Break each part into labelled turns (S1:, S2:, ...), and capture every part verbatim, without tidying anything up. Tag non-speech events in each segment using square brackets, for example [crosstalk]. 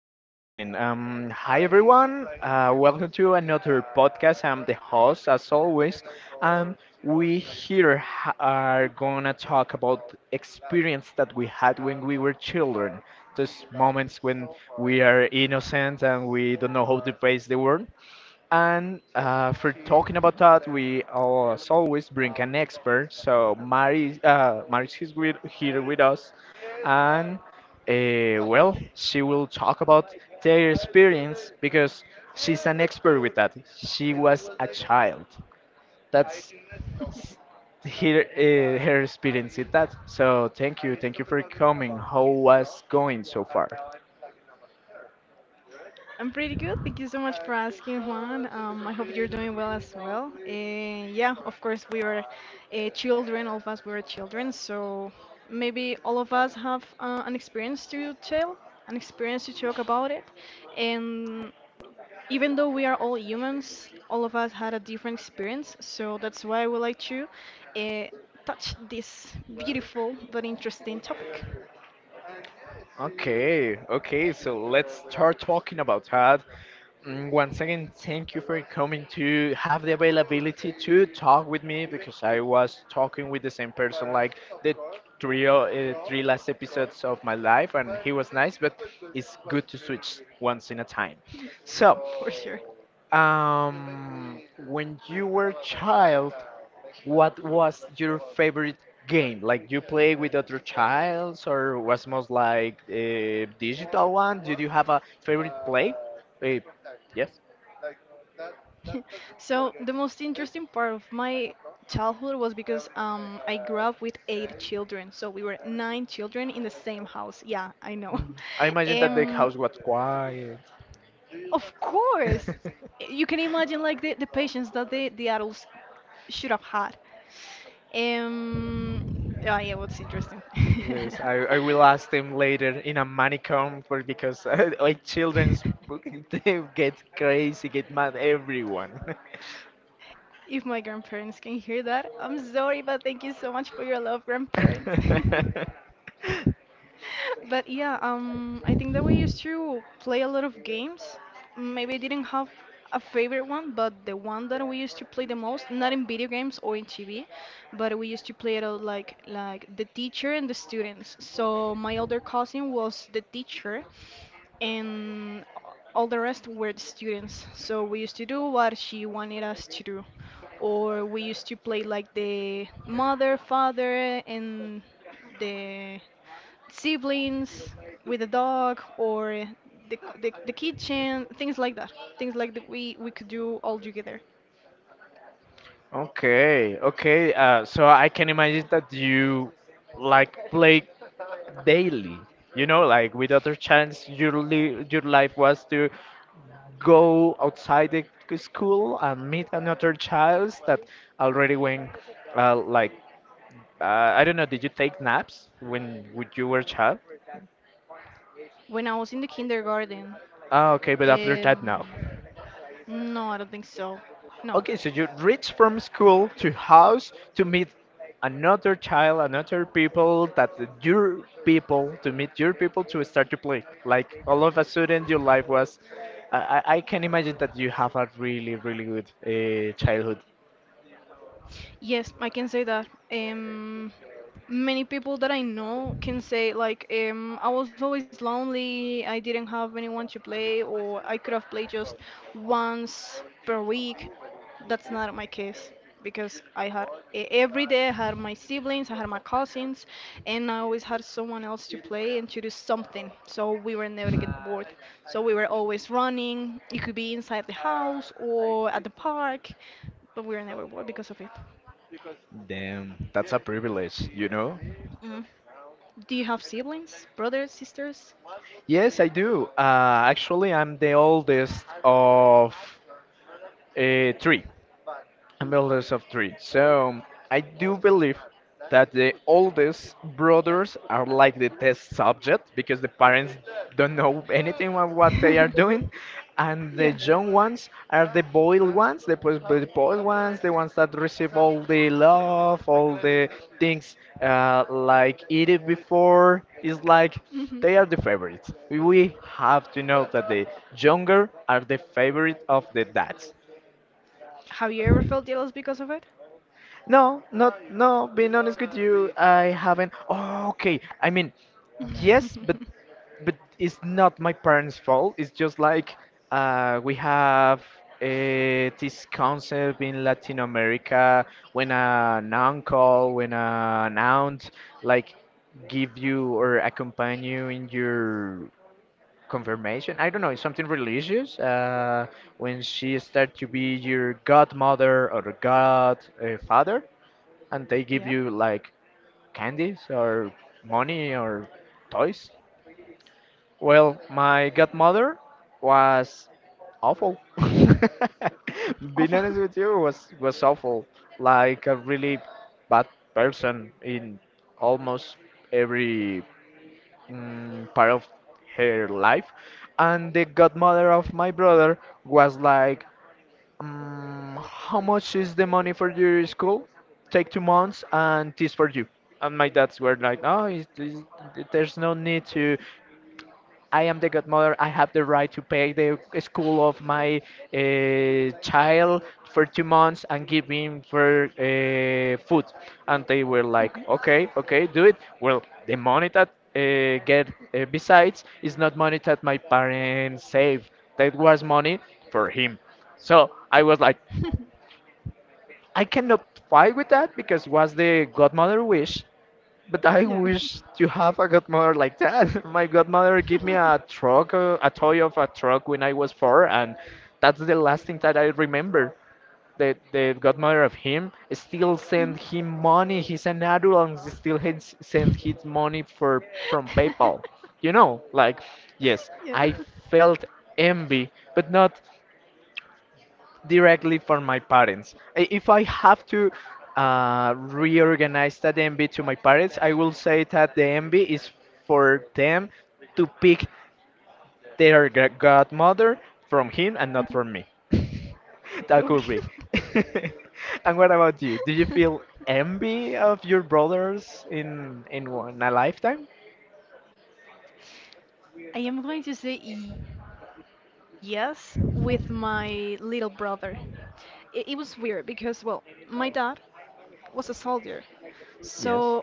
S1: at the beginning. Um, hi everyone, uh, welcome to another podcast. I'm the host, as always. Um, we here ha- are gonna talk about experience that we had when we were children. Those moments when we are innocent and we don't know how to face the world. And uh, for talking about that, we al- as always bring an expert. So Mari, uh, Mari is with, here with us, and uh, well, she will talk about their experience because she's an expert with that. She was a child. That's her uh, her experience with that. So thank you, thank you for coming. How was going so far? Okay, okay, so let's start talking about that. Mm, Once again, thank you for coming to have the availability to talk with me because I was talking with the same person like the three, uh, three last episodes of my life, and he was nice, but it's good to switch once in a time. So, um, when you were child, what was your favorite game? Like you play with other childs, or was most like a digital one? Did you have a favorite play? Eh, yes. Mm. I imagine that the house was quiet. [laughs] Yes, I, I will ask them later in a manicom for because [laughs] like children's book, [laughs] they get crazy, get mad everyone. [laughs] Okay, okay. Uh, so I can imagine that you like play daily. You know, like with other chance, your li your life was to go outside the c- school and meet another child that already went uh, like uh, I don't know. Did you take naps when when you were a child? Ah, okay, but after that, no. Okay, so you reach from school to house to meet another child, another people that your people to meet your people to start to play. Like all of a sudden, your life was. I, I I can imagine that you have a really really good uh, childhood. Damn, that's a privilege, you know. Yes, I do. Uh, actually, I'm the oldest of uh, three I eldest of three. So I do believe that the oldest brothers are like the test subject because the parents don't know anything about what they are doing, and the young ones are the boiled ones, the pos- the spoiled ones, the ones that receive all the love, all the things uh, like eat it before. It's like they are the favorites. We have to know that the younger are the favorite of the dads. No, not no. Being honest with you, I haven't. Oh, okay, I mean, yes, but but it's not my parents' fault. It's just like uh, we have uh, this concept in Latin America when an uncle, when an aunt, like give you or accompany you in your confirmation. I don't know, it's something religious. Uh, when she start to be your godmother or godfather, and they give you like candies or money or toys? Well, my godmother was awful. [laughs] Being honest with you, was was awful. Like a really bad person in almost every mm, part of her life. And the godmother of my brother was like, um, how much is the money for your school? Take two months, and this for you. And my dads were like, oh, it's, it's, there's no need to. I am the godmother. I have the right to pay the school of my uh, child for two months and give him for uh, food. And they were like, okay, okay, do it. Well, the money that uh, get uh, besides is not money that my parents save. That was money for him. So I was like, I cannot fight with that because was the godmother wish. But I wish to have a godmother like that. [laughs] My godmother gave me a truck, uh, a toy of a truck when I was four, and that's the last thing that I remember. The the godmother of him still sent him money. He's an adult and still hits- sends his money for from PayPal. You know, like yes, I felt envy, but not directly from my parents. I- If I have to uh, reorganize that envy to my parents, I will say that the envy is for them to pick their gra- godmother from him and not from me. [laughs] That could be. [laughs] And what about you? Do you feel envy of your brothers in in one a lifetime? Yes,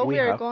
S1: we have.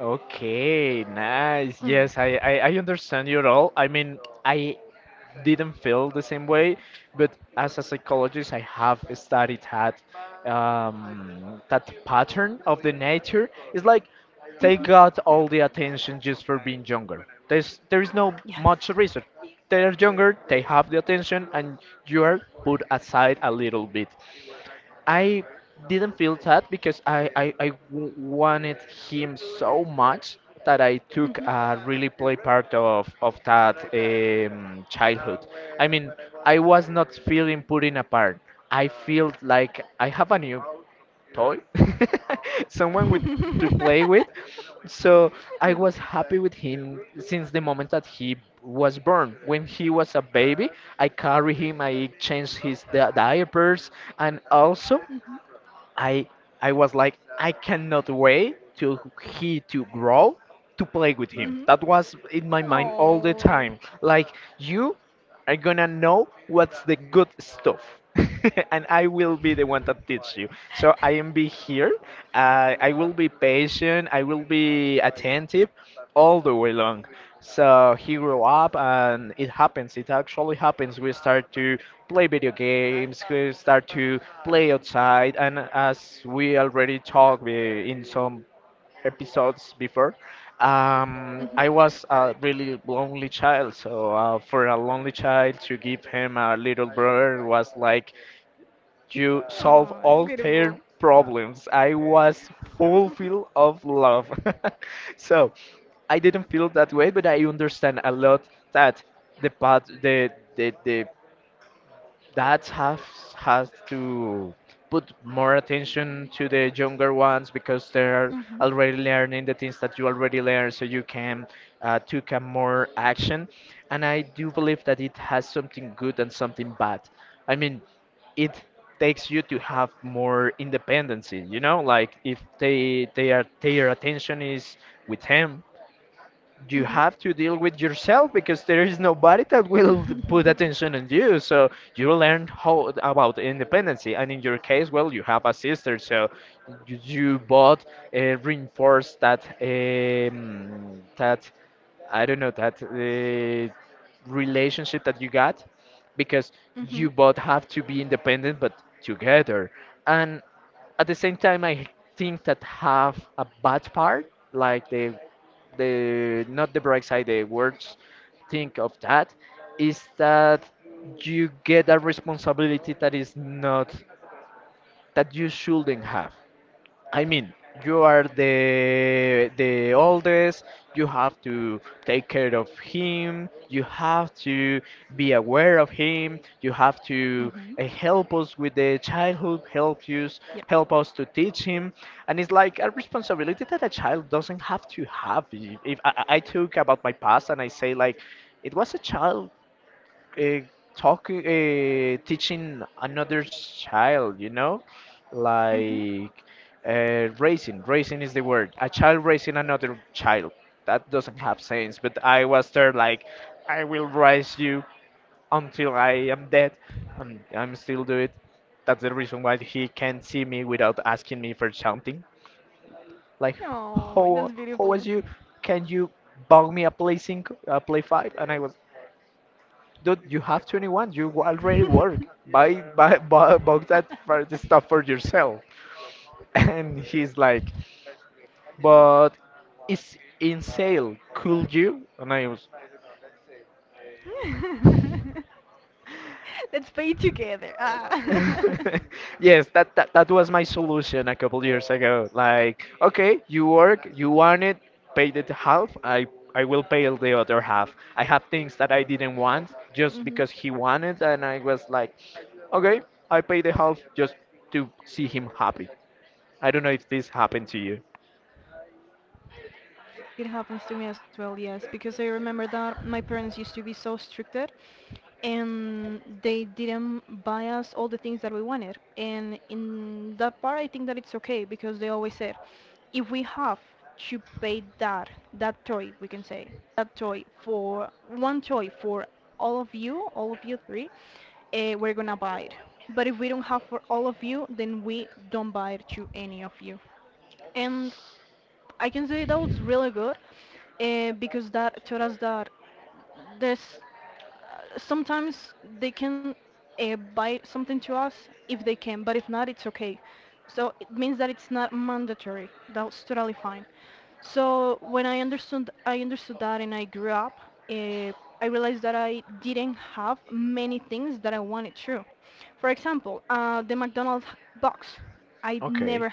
S1: Okay, nice. Yes, I, I, I understand you at all. I mean, I didn't feel the same way, but as a psychologist, I have studied that um, that pattern of the nature. It's like they got all the attention just for being younger. There's there is no much research. They are younger, they have the attention, and you are put aside a little bit. I didn't feel sad because I, I, I w- wanted him so much that I took a really play part of, of that um, childhood. I mean, I was not feeling putting apart. I felt like I have a new toy, [laughs] someone with to play with. So I was happy with him since the moment that he was born. When he was a baby, I carry him, I change his di- diapers, and also I I was like I cannot wait till he to grow to play with him. That was in my mind all the time. Like you are gonna know what's the good stuff. [laughs] And I will be the one that teach you. So I am be here. Uh, I will be patient. I will be attentive all the way long. So he grew up, and it happens. It actually happens. We start to play video games. We start to play outside, and as we already talked we- in some episodes before, um, I was a really lonely child. So uh, for a lonely child to give him a little brother was like you solve all their problems. I was full of love. [laughs] So I didn't feel that way, but I understand a lot that the path, the the the that has has to put more attention to the younger ones because they're already learning the things that you already learned so you can uh, take a more action. And I do believe that it has something good and something bad. I mean, it takes you to have more independency, you know like if they their their attention is with him, you have to deal with yourself because there is nobody that will put attention on you. So you learn how about independency, and in your case, well, you have a sister, so you, you both uh, reinforce that um, that I don't know that uh, relationship that you got because you both have to be independent but together. And at the same time, I think that have a bad part, like the the not the bright side, the worst think of that is that you get a responsibility that is not that you shouldn't have. I mean, you are the the oldest. You have to take care of him. You have to be aware of him. You have to uh, help us with the childhood. Help us, help us to teach him. And it's like a responsibility that a child doesn't have to have. If if I, I I talk about my past and I say like, it was a child uh, talking uh, teaching another child, you know like uh, racing racing is the word, a child racing another child, that doesn't have sense. But I was there like, I will race you until I am dead, and I'm still do it. That's the reason why he can't see me without asking me for something. Like, how how was you, can you bug me a play five, a play five? And I was, Dude, you have twenty-one. You already work. Buy, buy, buy, buy that for the stuff for yourself. [laughs] And he's like, but it's in sale. Could you? And I was, [laughs] yes, that, that that was my solution a couple years ago. Like, okay, you work, you want it, pay the half. I I will pay the other half. I have things that I didn't want just because he wanted, and I was like, okay, I pay the half just to see him happy. I don't know if this happened to you. Okay. [laughs]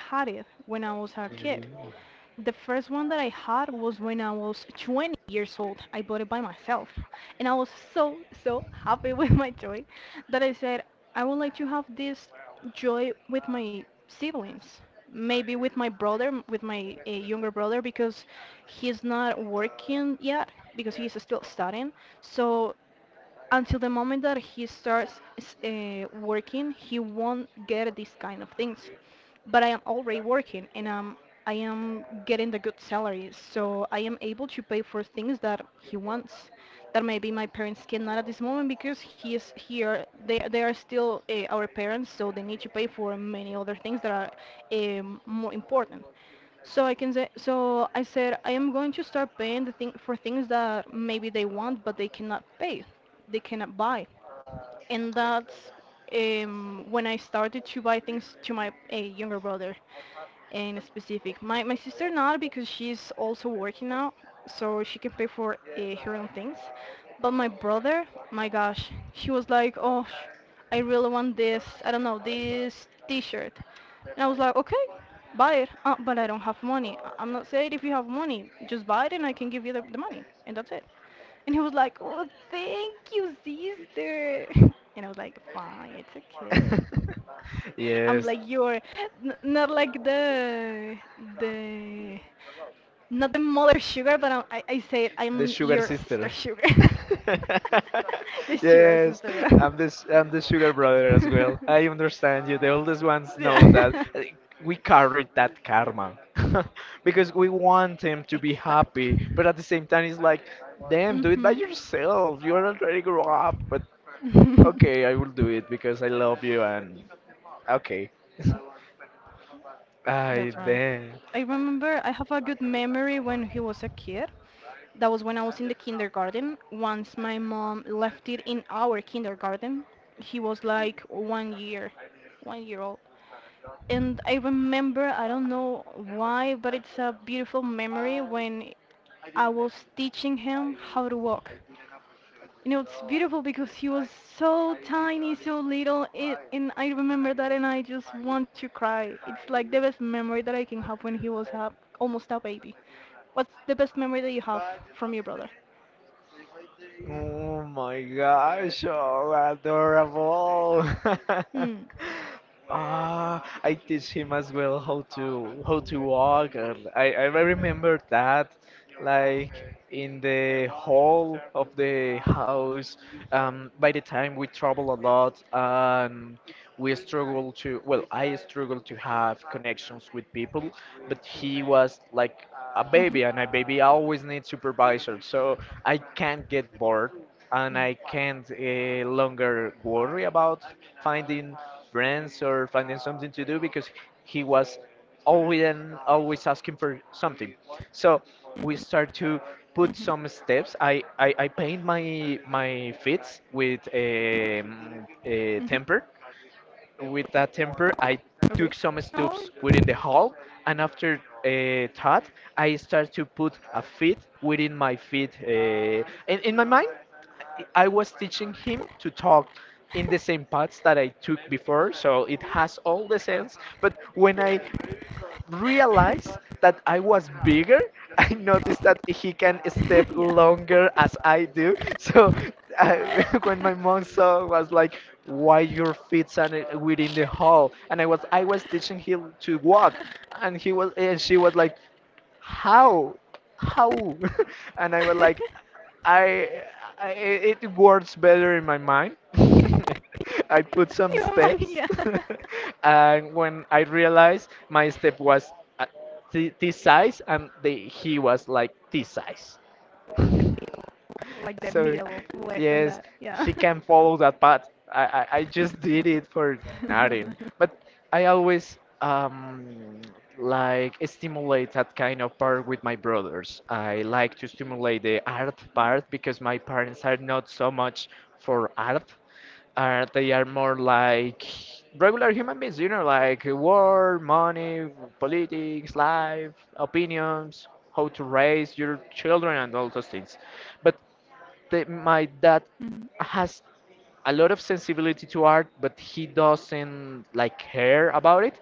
S1: Yes, the sugar sister. [laughs] Yes, I'm the s- I'm the sugar brother as well. I understand you. The oldest ones know that Uh, we carry that karma [laughs] because we want them to be happy, but at the same time, it's like, damn, do it by yourself. You are already grow up. But okay, I will do it because I love you and okay. [laughs] I damn. Oh my gosh, oh adorable. [laughs] Ah, I teach him as well how to how to walk, and I I remember that, like, okay, in the hall of the house. Um, by the time we travel a lot, um, we struggle to, well, I struggle to have connections with people, but he was like a baby, and a baby always needs supervision. So I can't get bored, and I can't uh, longer worry about finding friends or finding something to do because he was always and always asking for something. So we start to put some steps. I I, I paint my my feet with a, a temper. With that temper, I took some steps within the hall, and after uh, that, I start to put a feet within my feet. Uh, and in my mind, I was teaching him to talk in the same paths that I took before, so it has all the sense. But when I realized that I was bigger, [laughs] I noticed that he can step longer as I do. So I, [laughs] when my mom saw, was like, "Why your feet are not within the hall?" And I was I was teaching him to walk, and he was and she was like, how how, [laughs] and I was like, i, I it it works better in my mind. [laughs] I put some steps. [laughs] And when I realized, my step was uh, thi- this size, and the, he was like this size. So, yes, she can follow that path. I, I, I just did it for nothing. But I always um, like stimulate that kind of part with my brothers. I like to stimulate the art part because my parents are not so much for art. Uh, they are more like regular human beings, you know, like war, money, politics, life, opinions, how to raise your children, and all those things. But the, my dad has a lot of sensibility to art, but he doesn't like care about it.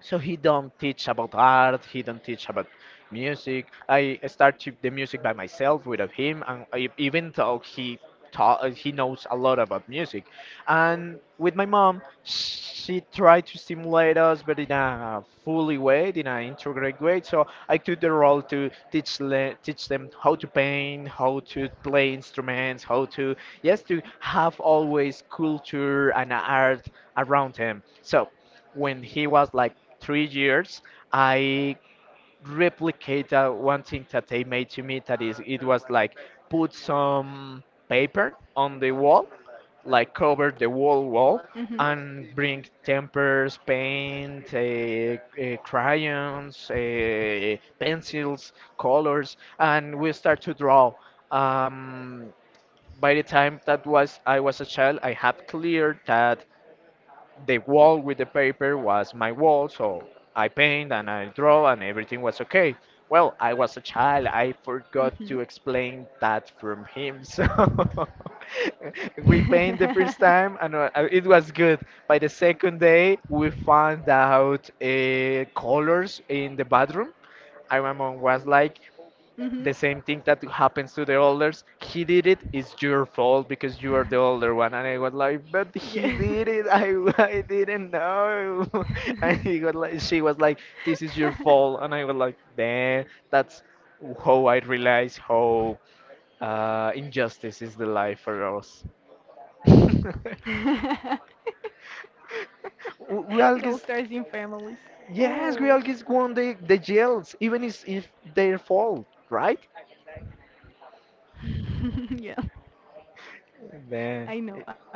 S1: So he don't teach about art. He don't teach about music. I start to the music by myself without him, and I, even though he taught he knows a lot about music. And with my mom, she tried to stimulate us, but in a fully way, in an integrate way. So I took the role to teach, le- teach them how to paint, how to play instruments, how to, yes, to have always culture and art around him. So when he was like three years, I replicated one thing that they made to me. That is, it was like put some paper on the wall, like cover the wall wall, and bring tempers, paint, uh, uh, crayons, uh, pencils, colors, and we start to draw. Um, by the time that was, I was a child. I have cleared that the wall with the paper was my wall, so I paint and I draw and everything was okay. Well, I was a child. I forgot to explain that from him. [laughs] So we paint the first time, and uh, uh, it was good. By the second day, we found out uh, colors in the bathroom. And my mom was like, the same thing that happens to the elders. He did it. It's your fault because you are the older one. And I was like, but he did it. I, [laughs] I didn't know. [laughs] And he was like, she was like, this is your fault. And I was like, damn. That's how I realized how uh, injustice is the life for us. [laughs] We Grialgis, yes, we Grialgis won the the jails, even if, if their fault, right? Then,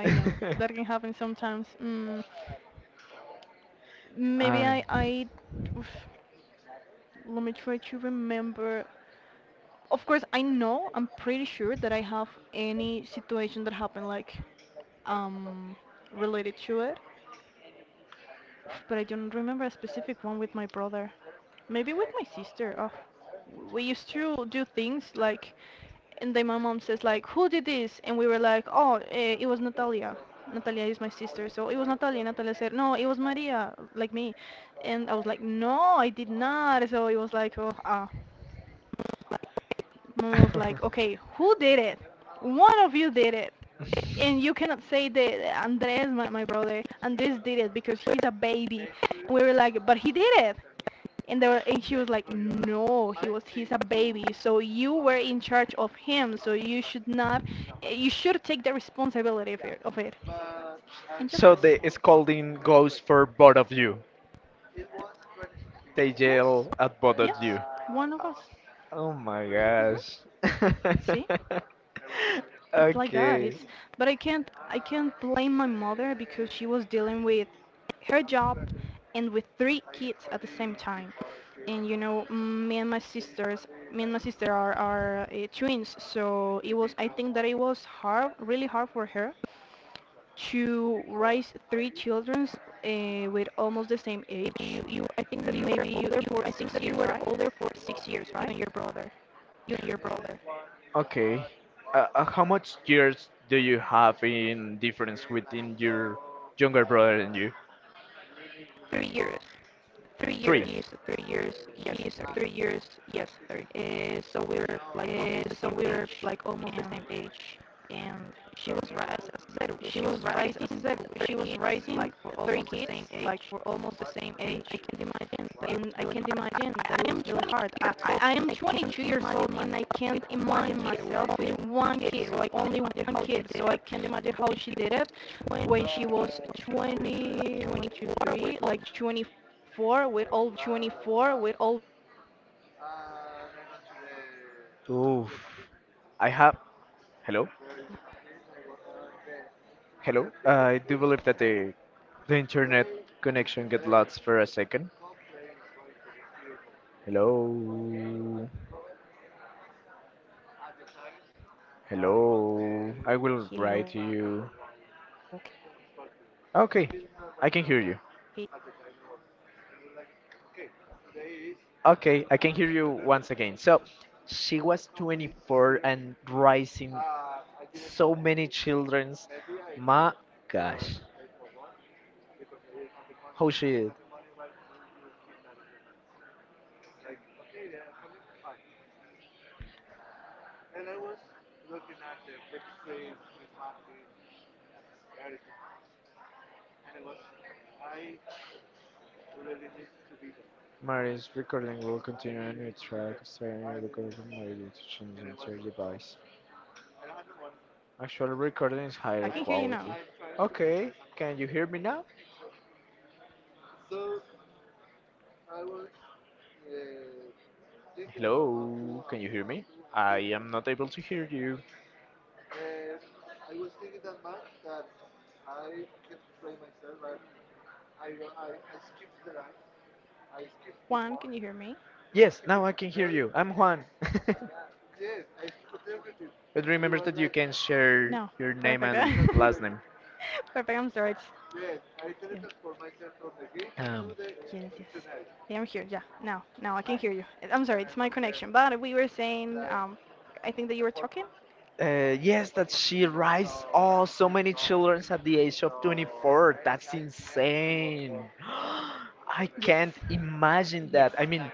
S1: [laughs] I [laughs] so the scolding goes for both of you. They yell at both of you. Oh my gosh. [laughs] Okay. Okay. Uh, uh, how much years do you have in difference within your younger brother and you? Three. Oof. I have. Hello? Hello? I do believe that the, the internet connection get lost for a second. Hello. Hello. I will write to you. Okay. I can hear you. Okay. I can hear you once again. So, she was twenty-four and raising so many childrens. My gosh. How she did. Mari's recording will continue on your track, starting with the recording from Mari due to changes to your device. Actual recording is higher quality.
S2: I can hear you now.
S1: Okay, can you hear me now? Hello, can you hear me? I am not able to hear you.
S2: Juan, can you hear me?
S1: Yes, now I can hear you. I'm Juan. [laughs] But remember that you can
S2: No.
S1: share
S2: Perfect.
S1: your name, yes, and last name.
S2: [laughs] Perfect. I'm sorry. It's, yeah.
S1: Um,
S2: Yes, yes. Yeah, I'm here. Yeah. Now, now I can hear you. Uh, I'm sorry. It's my connection. But we were saying, um, I think that you were talking.
S1: Uh, yes, that she raised all so many children at the age of twenty-four. That's insane. [gasps] I
S2: Yes.
S1: can't imagine that. I
S2: Yes.
S1: mean,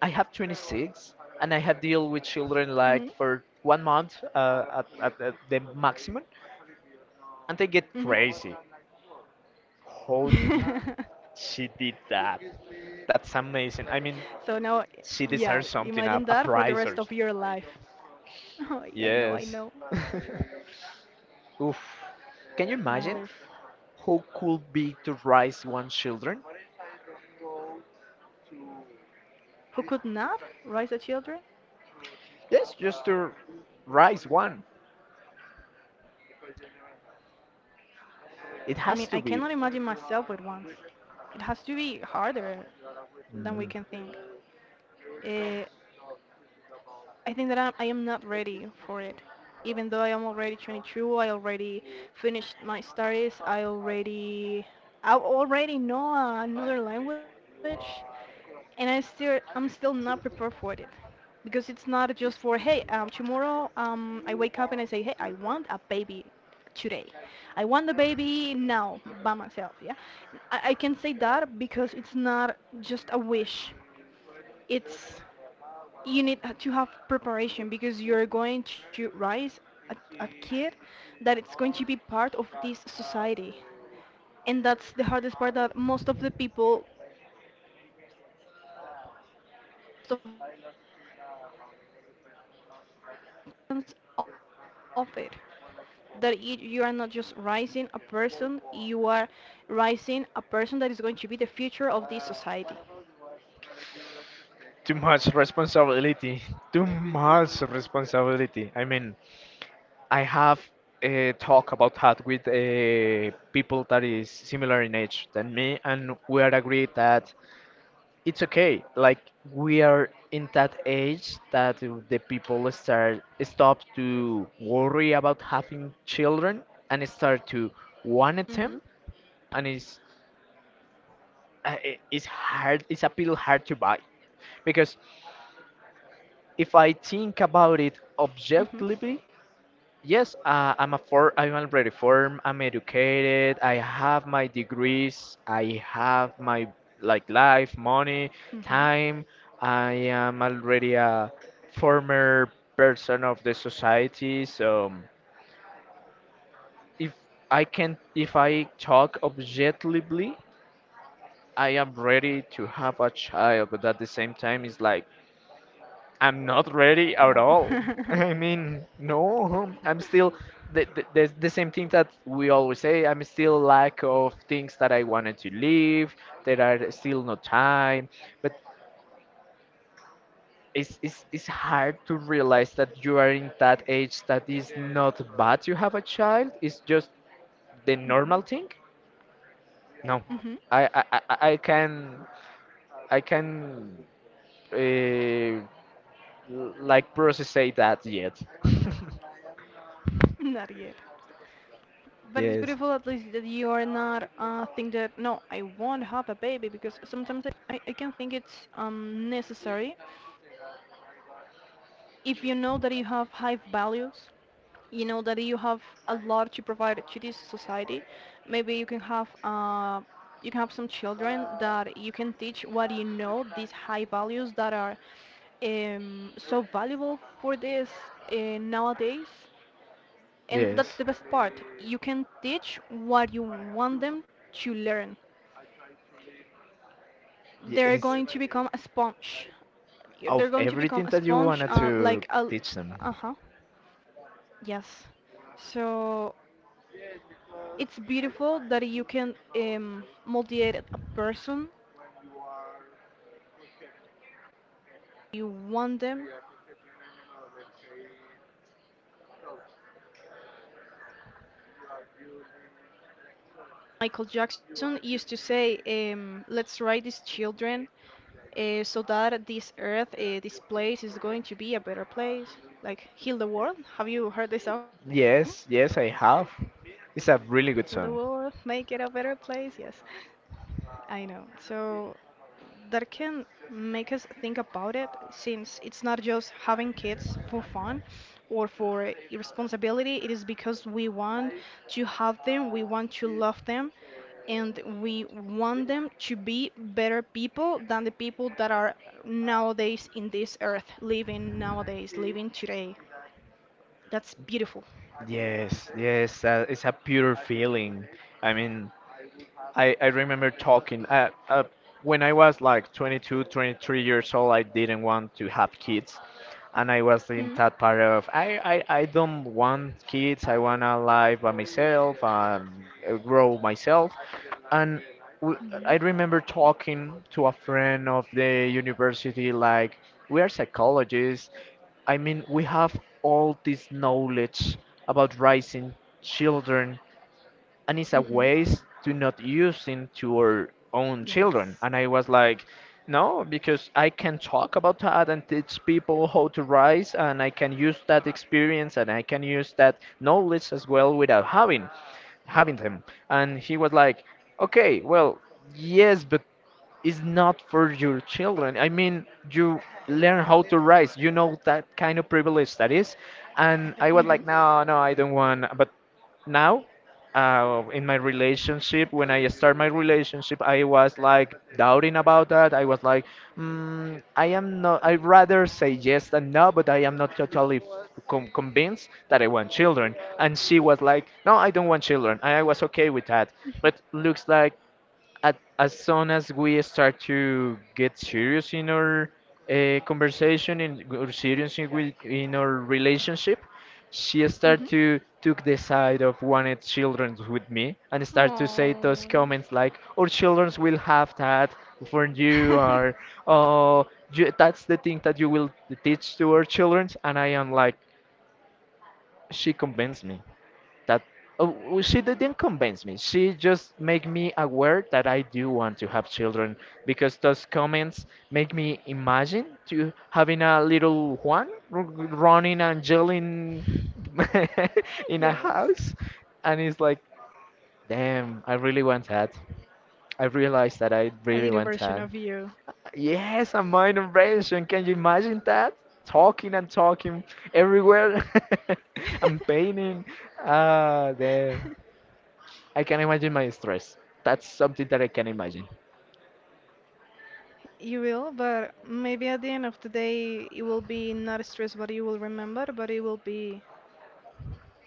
S1: I have twenty-six and I have deal with children like
S2: Mhm.
S1: for one month uh, at, at, at the maximum, and they get
S2: Mhm.
S1: crazy. How did
S2: [laughs]
S1: she did that? That's amazing. I mean,
S2: So now,
S1: she
S2: yeah.
S1: deserves something, a,
S2: Imagine
S1: a
S2: that for the
S1: prize
S2: rest
S1: or
S2: of your life. [laughs] Oh, yeah, I know. I
S1: yes.
S2: know.
S1: [laughs] Oof. Can you imagine?
S2: Mothers
S1: Who could be to raise one's children?
S2: who could not raise the children.
S1: Yes, just to raise one. It
S2: I
S1: has
S2: mean,
S1: to
S2: I
S1: be.
S2: cannot imagine myself with ones. It has to be harder than we
S1: Mm.
S2: can think. uh, I think that I'm, I am not ready for it. Even though I am already twenty-two, I already finished my studies. I already I already know another language, and I still I'm still not prepared for it because it's not just for hey um tomorrow um I wake up and I say hey I want a baby today. I want the baby now by myself. Yeah, I, I can say that because it's not just a wish. It's you need uh, to have preparation because you're going to raise a, a kid that it's going to be part of this society, and that's the hardest part that most of the people of it, that you, you are not just raising a person, you are raising a person that is going to be the future of this society.
S1: Too much responsibility. Too much responsibility. I mean, I have uh, talk about that with uh, people that is similar in age than me, and we are agreed that it's okay. Like we are in that age that the people start stop to worry about having children and start to want them,
S2: Mm-hmm.
S1: and it's uh, i- it's hard. It's a pill hard to buy because if
S2: Mm-hmm.
S1: I think about it objectively, yes, uh, I'm a for I'm already formed. I'm educated. I have my degrees. I have my like life,
S2: Mm-hmm.
S1: money, time. I am already a former person of the society. So if I can, if I talk objectively, I am ready to have a child. But at the same time, it's like I'm not ready at
S2: No. [laughs]
S1: all. [laughs]
S2: Mm-hmm,
S1: I mean, no, um, I'm still the, the, the the same thing that we always say. I'm still lack of things that I wanted to leave. There are still no time, but it's, it's it's hard to realize that you are in that age that is not bad to have a child. It's just the normal thing. No,
S2: mm-hmm.
S1: I I, I I can I can uh, like process that yet. [laughs]
S2: Not yet. But it's
S1: Yes.
S2: beautiful at least that you are not uh think that no, I won't have a baby because sometimes I, I, I can think it's um necessary. If you know that you have high values, you know that you have a lot to provide to this society, maybe you can have uh you can have some children that you can teach what you know, these high values that are um so valuable for this uh, nowadays, and that's the
S1: Yes.
S2: best part. You can teach what you want them to learn. They're
S1: Yes.
S2: going to become a sponge. They're
S1: Of
S2: going to become
S1: everything
S2: a
S1: that you
S2: sponge,
S1: wanted
S2: uh,
S1: to
S2: like a,
S1: teach them.
S2: uh-huh, yes. So it's beautiful that you can um, motivate a person. You want them. Michael Jackson used to say, um, let's write these children uh, so that this earth, uh, this place is going to be a better place. Like, heal the world. Have you heard this song?
S1: Yes, yes, I have.
S2: Heal
S1: It's
S2: the
S1: a really
S2: world,
S1: good
S2: make
S1: song.
S2: it a better place. Yes, I know. So that can make us think about it, since it's not just having kids for fun or for irresponsibility. It is because we want to have them, we want to love them, and we want them to be better people than the people that are nowadays in this earth, living nowadays, living today. That's beautiful.
S1: Yes, yes, uh, it's a pure feeling. I mean, I, I remember talking uh, uh, when I was like twenty-two, twenty-three years old, I didn't want to have kids. And I was in
S2: Hmm.
S1: that part of I, I, I don't want kids. I want to live by myself and uh, grow myself. And w-
S2: Hmm.
S1: I remember talking to a friend of the university, like, we are psychologists. I mean, we have all this knowledge about raising children, and it's a
S2: Hmm.
S1: waste to not using to our own children.
S2: Yes.
S1: And I was like, no, because I can talk about that and teach people how to rise, and I can use that experience and I can use that knowledge as well without having having them. And he was like, okay, well, yes, but it's not for your children. I mean, you learn how to rise. You know that kind of privilege that is. And I was like,
S2: Hmm.
S1: no, no, I don't want. But now uh, in my relationship, when I start my relationship, I was like doubting about that. I was like, mm, I am not I rather say yes than no, but I am not totally f- com- convinced that I want children. And she was like, no, I don't want children, and I was okay with that. But looks like at, as soon as we start to get serious in our uh, conversation, and g- or serious in, we- in our relationship, she started
S2: [laughs]
S1: to took the side of wanted children with me and start to say those
S2: Oh.
S1: comments like, "Our children will have that for you," or
S2: [laughs]
S1: "Oh, you, that's the thing that you will teach to our children." And I am like, she convinced me that uh, w- she didn't convince me. She just made me aware that I do want to have children because those comments make me imagine to having a little Juan r- running and yelling [laughs] in a
S2: Yes.
S1: house. And it's like, damn, I really want that. I realized that I
S2: A
S1: really
S2: little
S1: want
S2: version
S1: that.
S2: of you.
S1: Yes, a minor abrasion. Can you imagine that? Talking and talking everywhere. [laughs] I'm painting. Ah, damn. I can imagine my stress. That's something that I can imagine.
S2: You will, but maybe at the end of the day, it will be not stress what you will remember, but it will be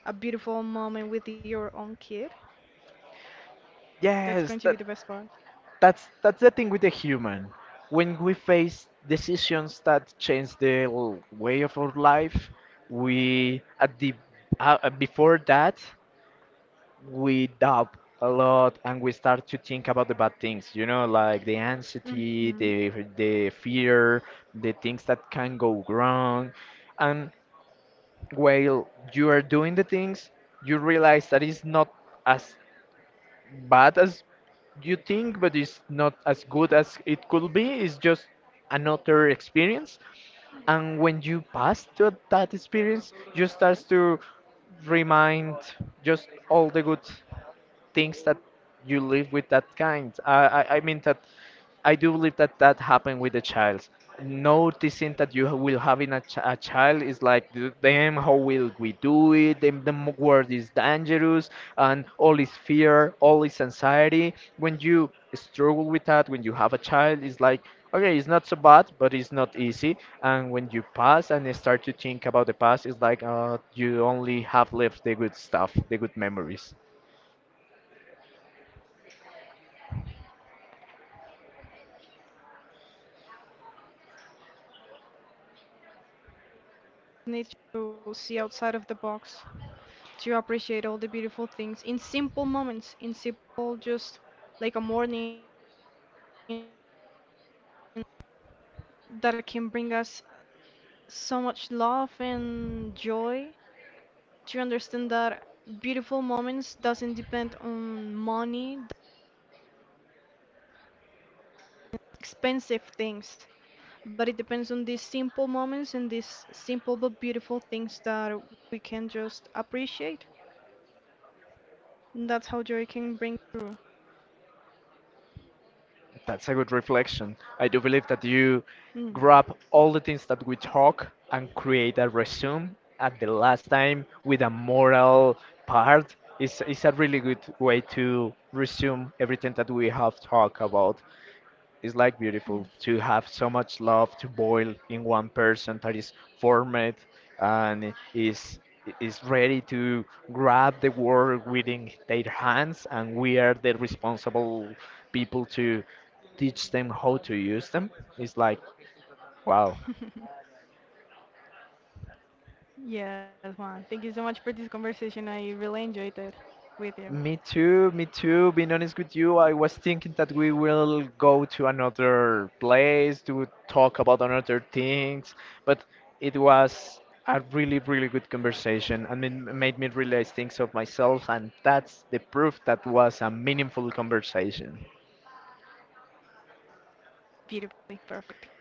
S2: a beautiful moment with your own kid. That's going
S1: Yes,
S2: to be the
S1: that
S2: best part.
S1: that's that's the thing with the human. When we face decisions that change the l- way of our life, we at the uh, uh, before that, we doubt a lot, and we start to think about the bad things. You know, like the anxiety, the
S2: Mm-hmm.
S1: the fear, the things that can go wrong. And while you are doing the things, you realize that it's not as bad as you think, but it's not as good as it could be. It's just another experience. And when you pass to that experience, you start to remind just all the good things that you live with that kind. I, I, I mean that I do believe that that happened with the child. Noticing that you will having a, ch- a child is like, "D- Damn, how will we do it? Damn, the m- world is dangerous, and all is fear, all is anxiety. When you struggle with that, when you have a child, it's like, okay, it's not so bad, but it's not easy. And when you pass and you start to think about the past, it's like, uh, you only have left the good stuff, the good memories.
S2: Need to see outside of the box to appreciate all the beautiful things in simple moments, in simple, just like a morning that can bring us so much love and joy to understand that beautiful moments doesn't depend on money, expensive things, but it depends on these simple moments and these simple but beautiful things that we can just appreciate. And that's how joy can bring through.
S1: That's a good reflection. I do believe that you
S2: Mm,
S1: grab all the things that we talk and create a resume at the last time with a moral part. It's, it's a really good way to resume everything that we have talked about. It's like beautiful
S2: yes.
S1: to have so much love to boil in one person that is formed and is is ready to grab the world within their hands, and we are the responsible people to teach them how to use them. It's like wow.
S2: [laughs] Yes, Juan. Thank you so much for this conversation. I really enjoyed it with you.
S1: Me too, me too. Being honest with you, I was thinking that we will go to another place to talk about another things, but it was a really, really good conversation. I mean, it made me realize things of myself, and that's the proof that was a meaningful conversation.
S2: Beautifully, perfect.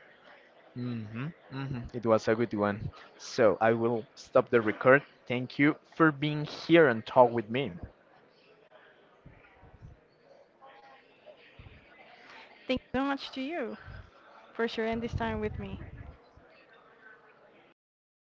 S1: Mm-hmm, mm-hmm. It was a good one. So I will stop the record. Thank you for being here and talk with me.
S2: Thank you so much to you for sharing this time with me.